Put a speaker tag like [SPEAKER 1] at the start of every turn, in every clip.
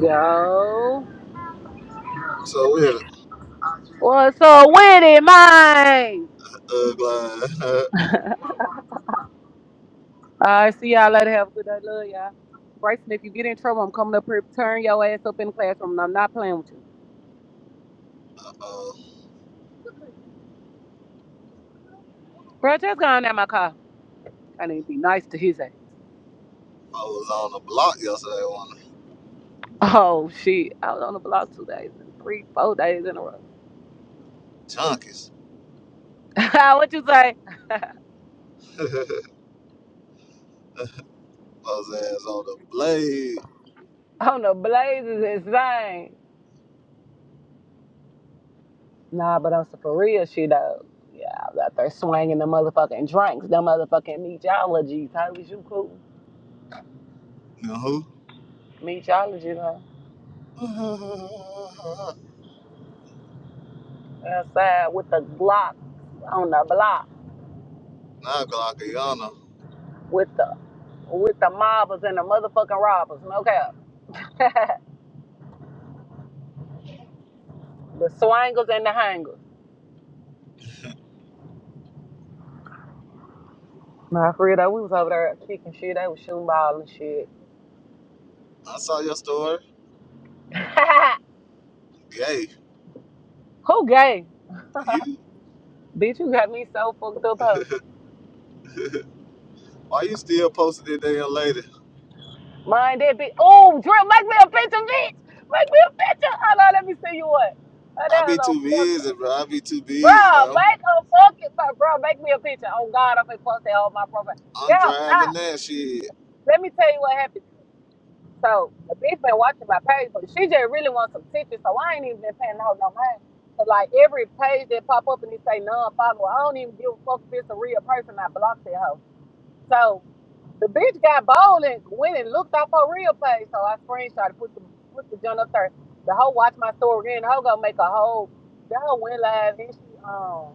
[SPEAKER 1] Yo.
[SPEAKER 2] So we had a
[SPEAKER 1] What's up with it, man?
[SPEAKER 2] thug line. Uh,
[SPEAKER 1] I see y'all later. Have a good day. Love y'all. Bryson, if you get in trouble, I'm coming up here. Turn your ass up in the classroom. And I'm not playing with you.
[SPEAKER 2] uh,
[SPEAKER 1] Bro, just go down my car. I need to be nice to his ass.
[SPEAKER 2] I was on the block yesterday, one of
[SPEAKER 1] Oh, shit. I was on the block two days and three, four days in a row.
[SPEAKER 2] the junkies.
[SPEAKER 1] what you say?
[SPEAKER 2] I was ass on the blade.
[SPEAKER 1] on the blazes, insane. Nah, but on some for real shit, though. Yeah, I was out there swinging the motherfucking drinks, the motherfucking meteorologies. How was you cool?
[SPEAKER 2] You know who?
[SPEAKER 1] Meteorologies, huh? outside with the Glocks on the block
[SPEAKER 2] Now Glockiana.
[SPEAKER 1] with the with the mobbers and the motherfucking robbers. No cap. the swangers and the hangers. Nah, for real though, we was over there kicking shit. They was shooting ball and shit.
[SPEAKER 2] I saw your story. Gay.
[SPEAKER 1] Who gay?
[SPEAKER 2] You?
[SPEAKER 1] Bitch, you got me so fucked up, huh?
[SPEAKER 2] Why you still posting it there, lady?
[SPEAKER 1] Mind that bitch. Oh, Drill, make me a picture, bitch. Make me a picture. Hold on, let me see you what. Oh,
[SPEAKER 2] I
[SPEAKER 1] that is
[SPEAKER 2] be
[SPEAKER 1] so
[SPEAKER 2] too
[SPEAKER 1] fucked
[SPEAKER 2] busy,
[SPEAKER 1] up.
[SPEAKER 2] bro. I be too
[SPEAKER 1] bro,
[SPEAKER 2] busy now.
[SPEAKER 1] make a fucking, bro, bro, make me a picture. Oh, God, I'm gonna post that on my profile.
[SPEAKER 2] I'm
[SPEAKER 1] Yeah, nah.
[SPEAKER 2] driving that shit.
[SPEAKER 1] Let me tell you what happened. So the bitch been watching my page, but she just really wants some pictures, so I ain't even been paying her no mind. Cause like every page that pop up and they say non-follower, I don't even give a fuck if it's a real person. I blocked that hoe. So the bitch got bold and went and looked up her real page. So I screenshot put the put the junk up there. The hoe watched my story again. The hoe gonna make a whole. The hoe went live and she um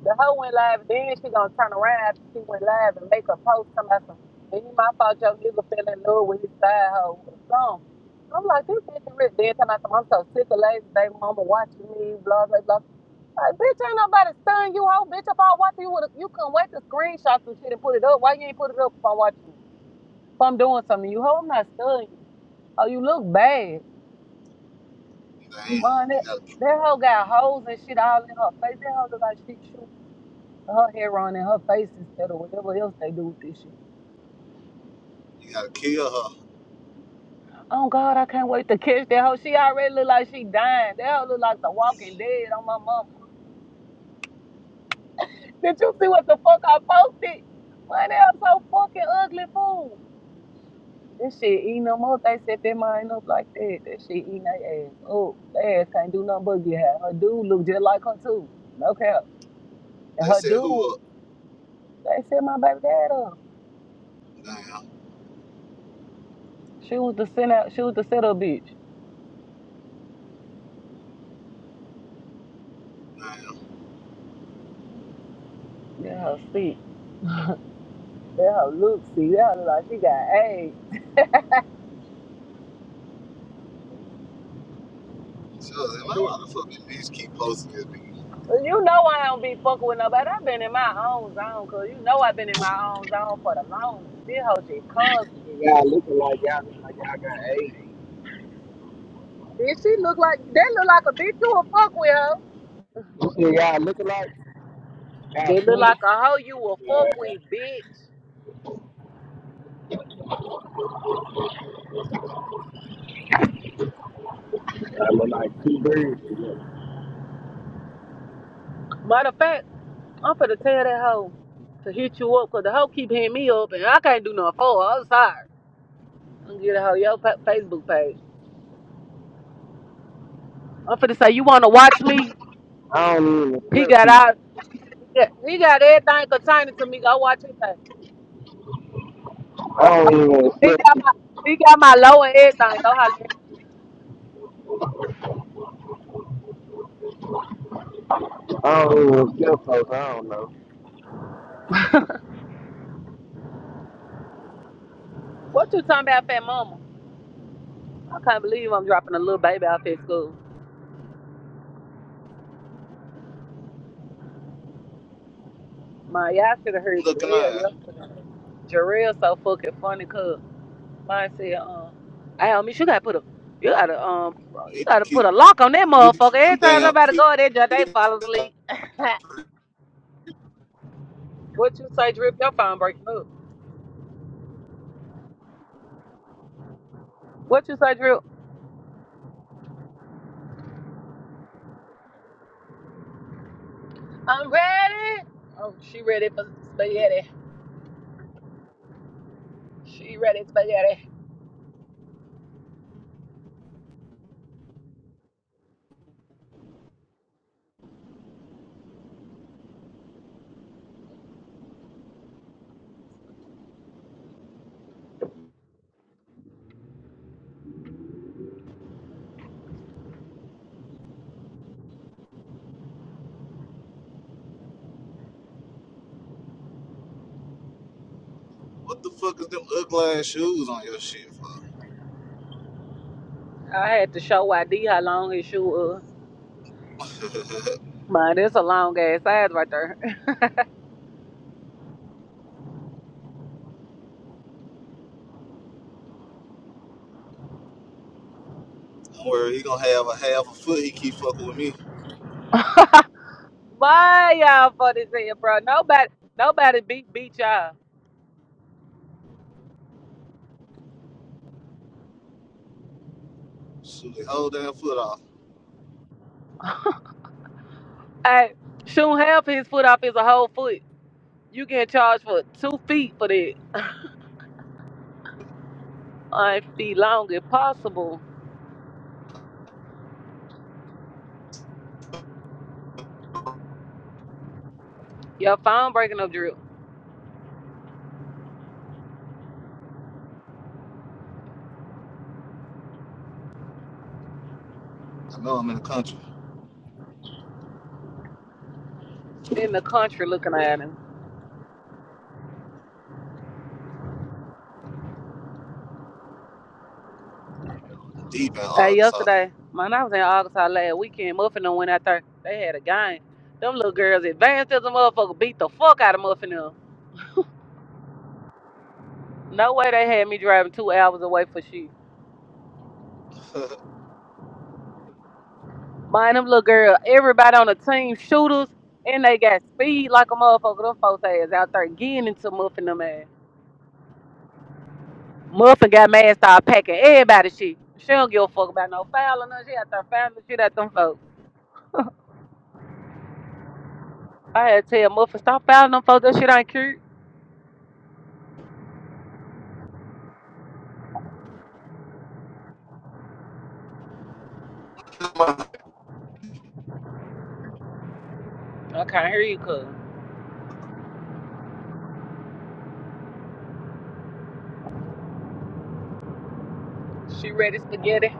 [SPEAKER 1] the hoe went live, then she gonna turn around after she went live and make a post talking about some, it ain't my fault your nigga fell in love with his side hoe or something. I'm like, this bitch is rich. Then talking about some, I'm so sick of lazy baby mama watching me, blah, blah, blah. Like, bitch, ain't nobody stunning you, hoe. Bitch, if I was watching you, would you couldn't wait to screenshot some shit and put it up. Why you ain't put it up if I'm watching you? If I'm doing something to you, hoe, I'm not stunning you. Oh, you look bad.
[SPEAKER 2] Damn.
[SPEAKER 1] Man,
[SPEAKER 2] You
[SPEAKER 1] that,
[SPEAKER 2] gotta,
[SPEAKER 1] that hoe got holes and shit all in her face. That hoe look like she shoot. Her hair on and her face instead of whatever else they do with this shit.
[SPEAKER 2] you gotta kill her.
[SPEAKER 1] Oh God, I can't wait to catch that hoe. She already look like she dying. That hoe look like the Walking Dead on my mama. Did you see what the fuck I posted? Man, they are so fucking ugly fool. This shit eating them up. They set their mind up like that. That shit eating their ass. Oh, their ass can't do nothing but get high. Her dude look just like her too. No cap. And
[SPEAKER 2] They
[SPEAKER 1] her
[SPEAKER 2] said
[SPEAKER 1] dude,
[SPEAKER 2] who up?
[SPEAKER 1] they set my baby dad up.
[SPEAKER 2] Damn.
[SPEAKER 1] She was the send out. She was the setup bitch. Yeah, her sick. That hoe look see, that hoe look like she got AIDS.
[SPEAKER 2] So, I was like, man,
[SPEAKER 1] Bitch,
[SPEAKER 2] why the fuck these bitches keep posting this? bitch?
[SPEAKER 1] You know I don't be fucking with nobody. I've been in my own zone, cause you know I've been in my own zone for the longest. This hoe just constant.
[SPEAKER 3] Y'all looking like y'all look like y'all got eight.
[SPEAKER 1] Bitch, she look like that look like a bitch you will fuck with her.
[SPEAKER 3] You see y'all looking like y'all
[SPEAKER 1] That look
[SPEAKER 3] twins.
[SPEAKER 1] like a hoe you will fuck with, bitch.
[SPEAKER 3] Y'all look like two birds together.
[SPEAKER 1] Matter of fact, I'm finna tell that hoe to hit you up, cause the hoe keep hitting me up, and I can't do nothing for her. I'm sorry. I'm gonna get a hoe your fa- Facebook page. I'm finna say you wanna watch me?
[SPEAKER 3] I don't even want to
[SPEAKER 1] He
[SPEAKER 3] sell
[SPEAKER 1] got
[SPEAKER 3] people.
[SPEAKER 1] out. Yeah, he got everything pertaining to me. Go watch his page.
[SPEAKER 3] I don't even want to
[SPEAKER 1] He
[SPEAKER 3] sell
[SPEAKER 1] got
[SPEAKER 3] people.
[SPEAKER 1] my he got my low and everything. Go holler at him.
[SPEAKER 3] I don't even want to sell folks. I don't know.
[SPEAKER 1] What you talking about, fat mama? I can't believe I'm dropping a little baby off at school. My y'all should have heard
[SPEAKER 2] Looking at
[SPEAKER 1] Jarrell
[SPEAKER 2] her.
[SPEAKER 1] yesterday. Jarrell so fucking funny cause mine said, um, I miss you gotta put a you gotta um
[SPEAKER 2] You
[SPEAKER 1] you
[SPEAKER 2] need to
[SPEAKER 1] gotta put
[SPEAKER 2] keep
[SPEAKER 1] a lock on that
[SPEAKER 2] you need to
[SPEAKER 1] motherfucker.
[SPEAKER 2] keep them
[SPEAKER 1] Every time
[SPEAKER 2] damn
[SPEAKER 1] somebody go in there, just they
[SPEAKER 2] kids.
[SPEAKER 1] fall asleep. what you say, Drip? Your phone breaking up. What you say, Drip? I'm ready. Oh, she ready for spaghetti. She ready, to spaghetti.
[SPEAKER 2] What the fuck is them ugly ass shoes on your shit for?
[SPEAKER 1] I had to show ID how long his shoe was. Man, that's a long ass size right there.
[SPEAKER 2] Don't worry, he gonna have a half a foot. He keep fucking with me.
[SPEAKER 1] Why y'all for this here, bro? Nobody, nobody beat beat y'all.
[SPEAKER 2] Shoot the whole damn foot off.
[SPEAKER 1] Hey, shoot half his foot off is a whole foot. You get charged for two feet for that. I feet long if possible. Your phone breaking up drip
[SPEAKER 2] I know I'm in the country,
[SPEAKER 1] in the country looking at him.
[SPEAKER 2] deep in
[SPEAKER 1] Hey,
[SPEAKER 2] Arkansas.
[SPEAKER 1] yesterday, man, I was in Arkansas last weekend. Muffin and went out there. They had a game. Them little girls advanced as a motherfucker beat the fuck out of Muffin No way they had me driving two hours away for shit. Mind them little girl, everybody on the team shooters, and they got speed like a motherfucker. Them folks ass out there getting into Muffin them ass. Muffin got mad, started packing everybody shit. She don't give a fuck about no fouling none. She out there fouling the shit at them folks. I had to tell Muffin, stop fouling them folks. That shit ain't cute. I can't hear you, cuz. She ready spaghetti.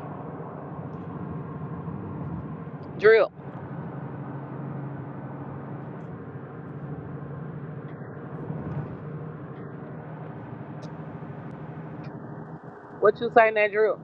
[SPEAKER 1] Drip. What you say in that drip?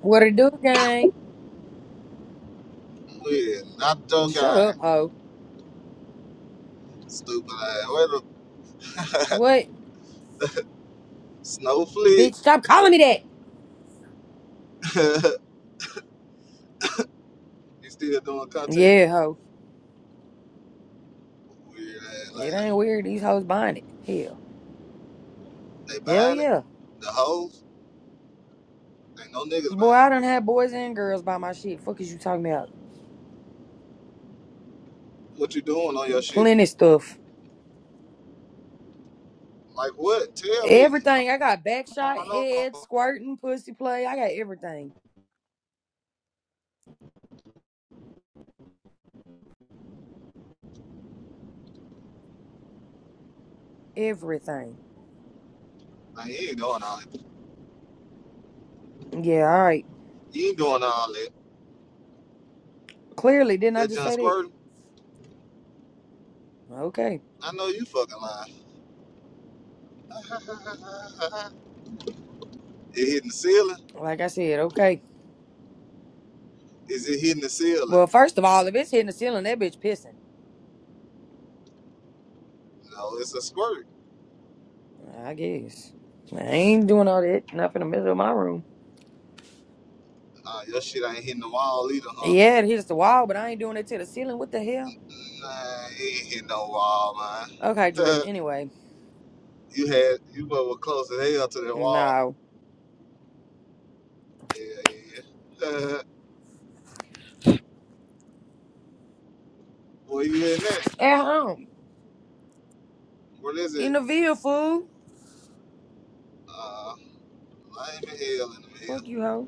[SPEAKER 4] What it do, gang?
[SPEAKER 2] yeah, not the
[SPEAKER 4] Shut
[SPEAKER 2] guy.
[SPEAKER 4] up, hoe.
[SPEAKER 2] Stupid ass. Where the
[SPEAKER 4] What?
[SPEAKER 2] snowflake?
[SPEAKER 4] Bitch, stop calling me that.
[SPEAKER 2] he still doing content.
[SPEAKER 4] Yeah, hoe.
[SPEAKER 2] Weird ass.
[SPEAKER 4] It
[SPEAKER 2] Like
[SPEAKER 4] ain't weird. These hoes buying it. Hell.
[SPEAKER 2] they
[SPEAKER 4] Hell
[SPEAKER 2] buying it.
[SPEAKER 4] yeah.
[SPEAKER 2] The hoes. Ain't no niggas
[SPEAKER 4] Boy,
[SPEAKER 2] buying. it.
[SPEAKER 4] I done had boys and girls buy my shit. Fuck is you talking about?
[SPEAKER 2] What you doing on your shit?
[SPEAKER 4] Plenty stuff.
[SPEAKER 2] Like what? Tell me. I
[SPEAKER 4] Everything. I got backshot,
[SPEAKER 2] wanna
[SPEAKER 4] head,
[SPEAKER 2] know.
[SPEAKER 4] squirting, pussy play. I got everything. Everything.
[SPEAKER 2] Like, you ain't doing all that.
[SPEAKER 4] Yeah, all right.
[SPEAKER 2] You ain't doing all that.
[SPEAKER 4] Clearly, didn't I
[SPEAKER 2] That
[SPEAKER 4] just
[SPEAKER 2] John
[SPEAKER 4] say
[SPEAKER 2] squirting.
[SPEAKER 4] that? Okay.
[SPEAKER 2] I know you fucking lying. it hitting the ceiling?
[SPEAKER 4] Like I said, okay.
[SPEAKER 2] Is it hitting the ceiling?
[SPEAKER 4] Well, first of all, if it's hitting the ceiling, that bitch pissing.
[SPEAKER 2] No, it's a squirt.
[SPEAKER 4] I guess. I ain't doing all that. Not in the middle of my room.
[SPEAKER 2] Nah, your shit ain't hitting the wall either, huh?
[SPEAKER 4] Yeah, it hits the wall, but I ain't doing it to the ceiling. What the hell?
[SPEAKER 2] Nah, it ain't hitting no wall,
[SPEAKER 4] Okay, drip.
[SPEAKER 2] man.
[SPEAKER 4] Anyway,
[SPEAKER 2] you had, you but were close as hell to that wall.
[SPEAKER 4] no.
[SPEAKER 2] Yeah, yeah. Where you in there?
[SPEAKER 4] At home.
[SPEAKER 2] What is it?
[SPEAKER 4] In the vehicle, fool.
[SPEAKER 2] Uh, I ain't in hell in the minute.
[SPEAKER 4] Fuck you, hoe.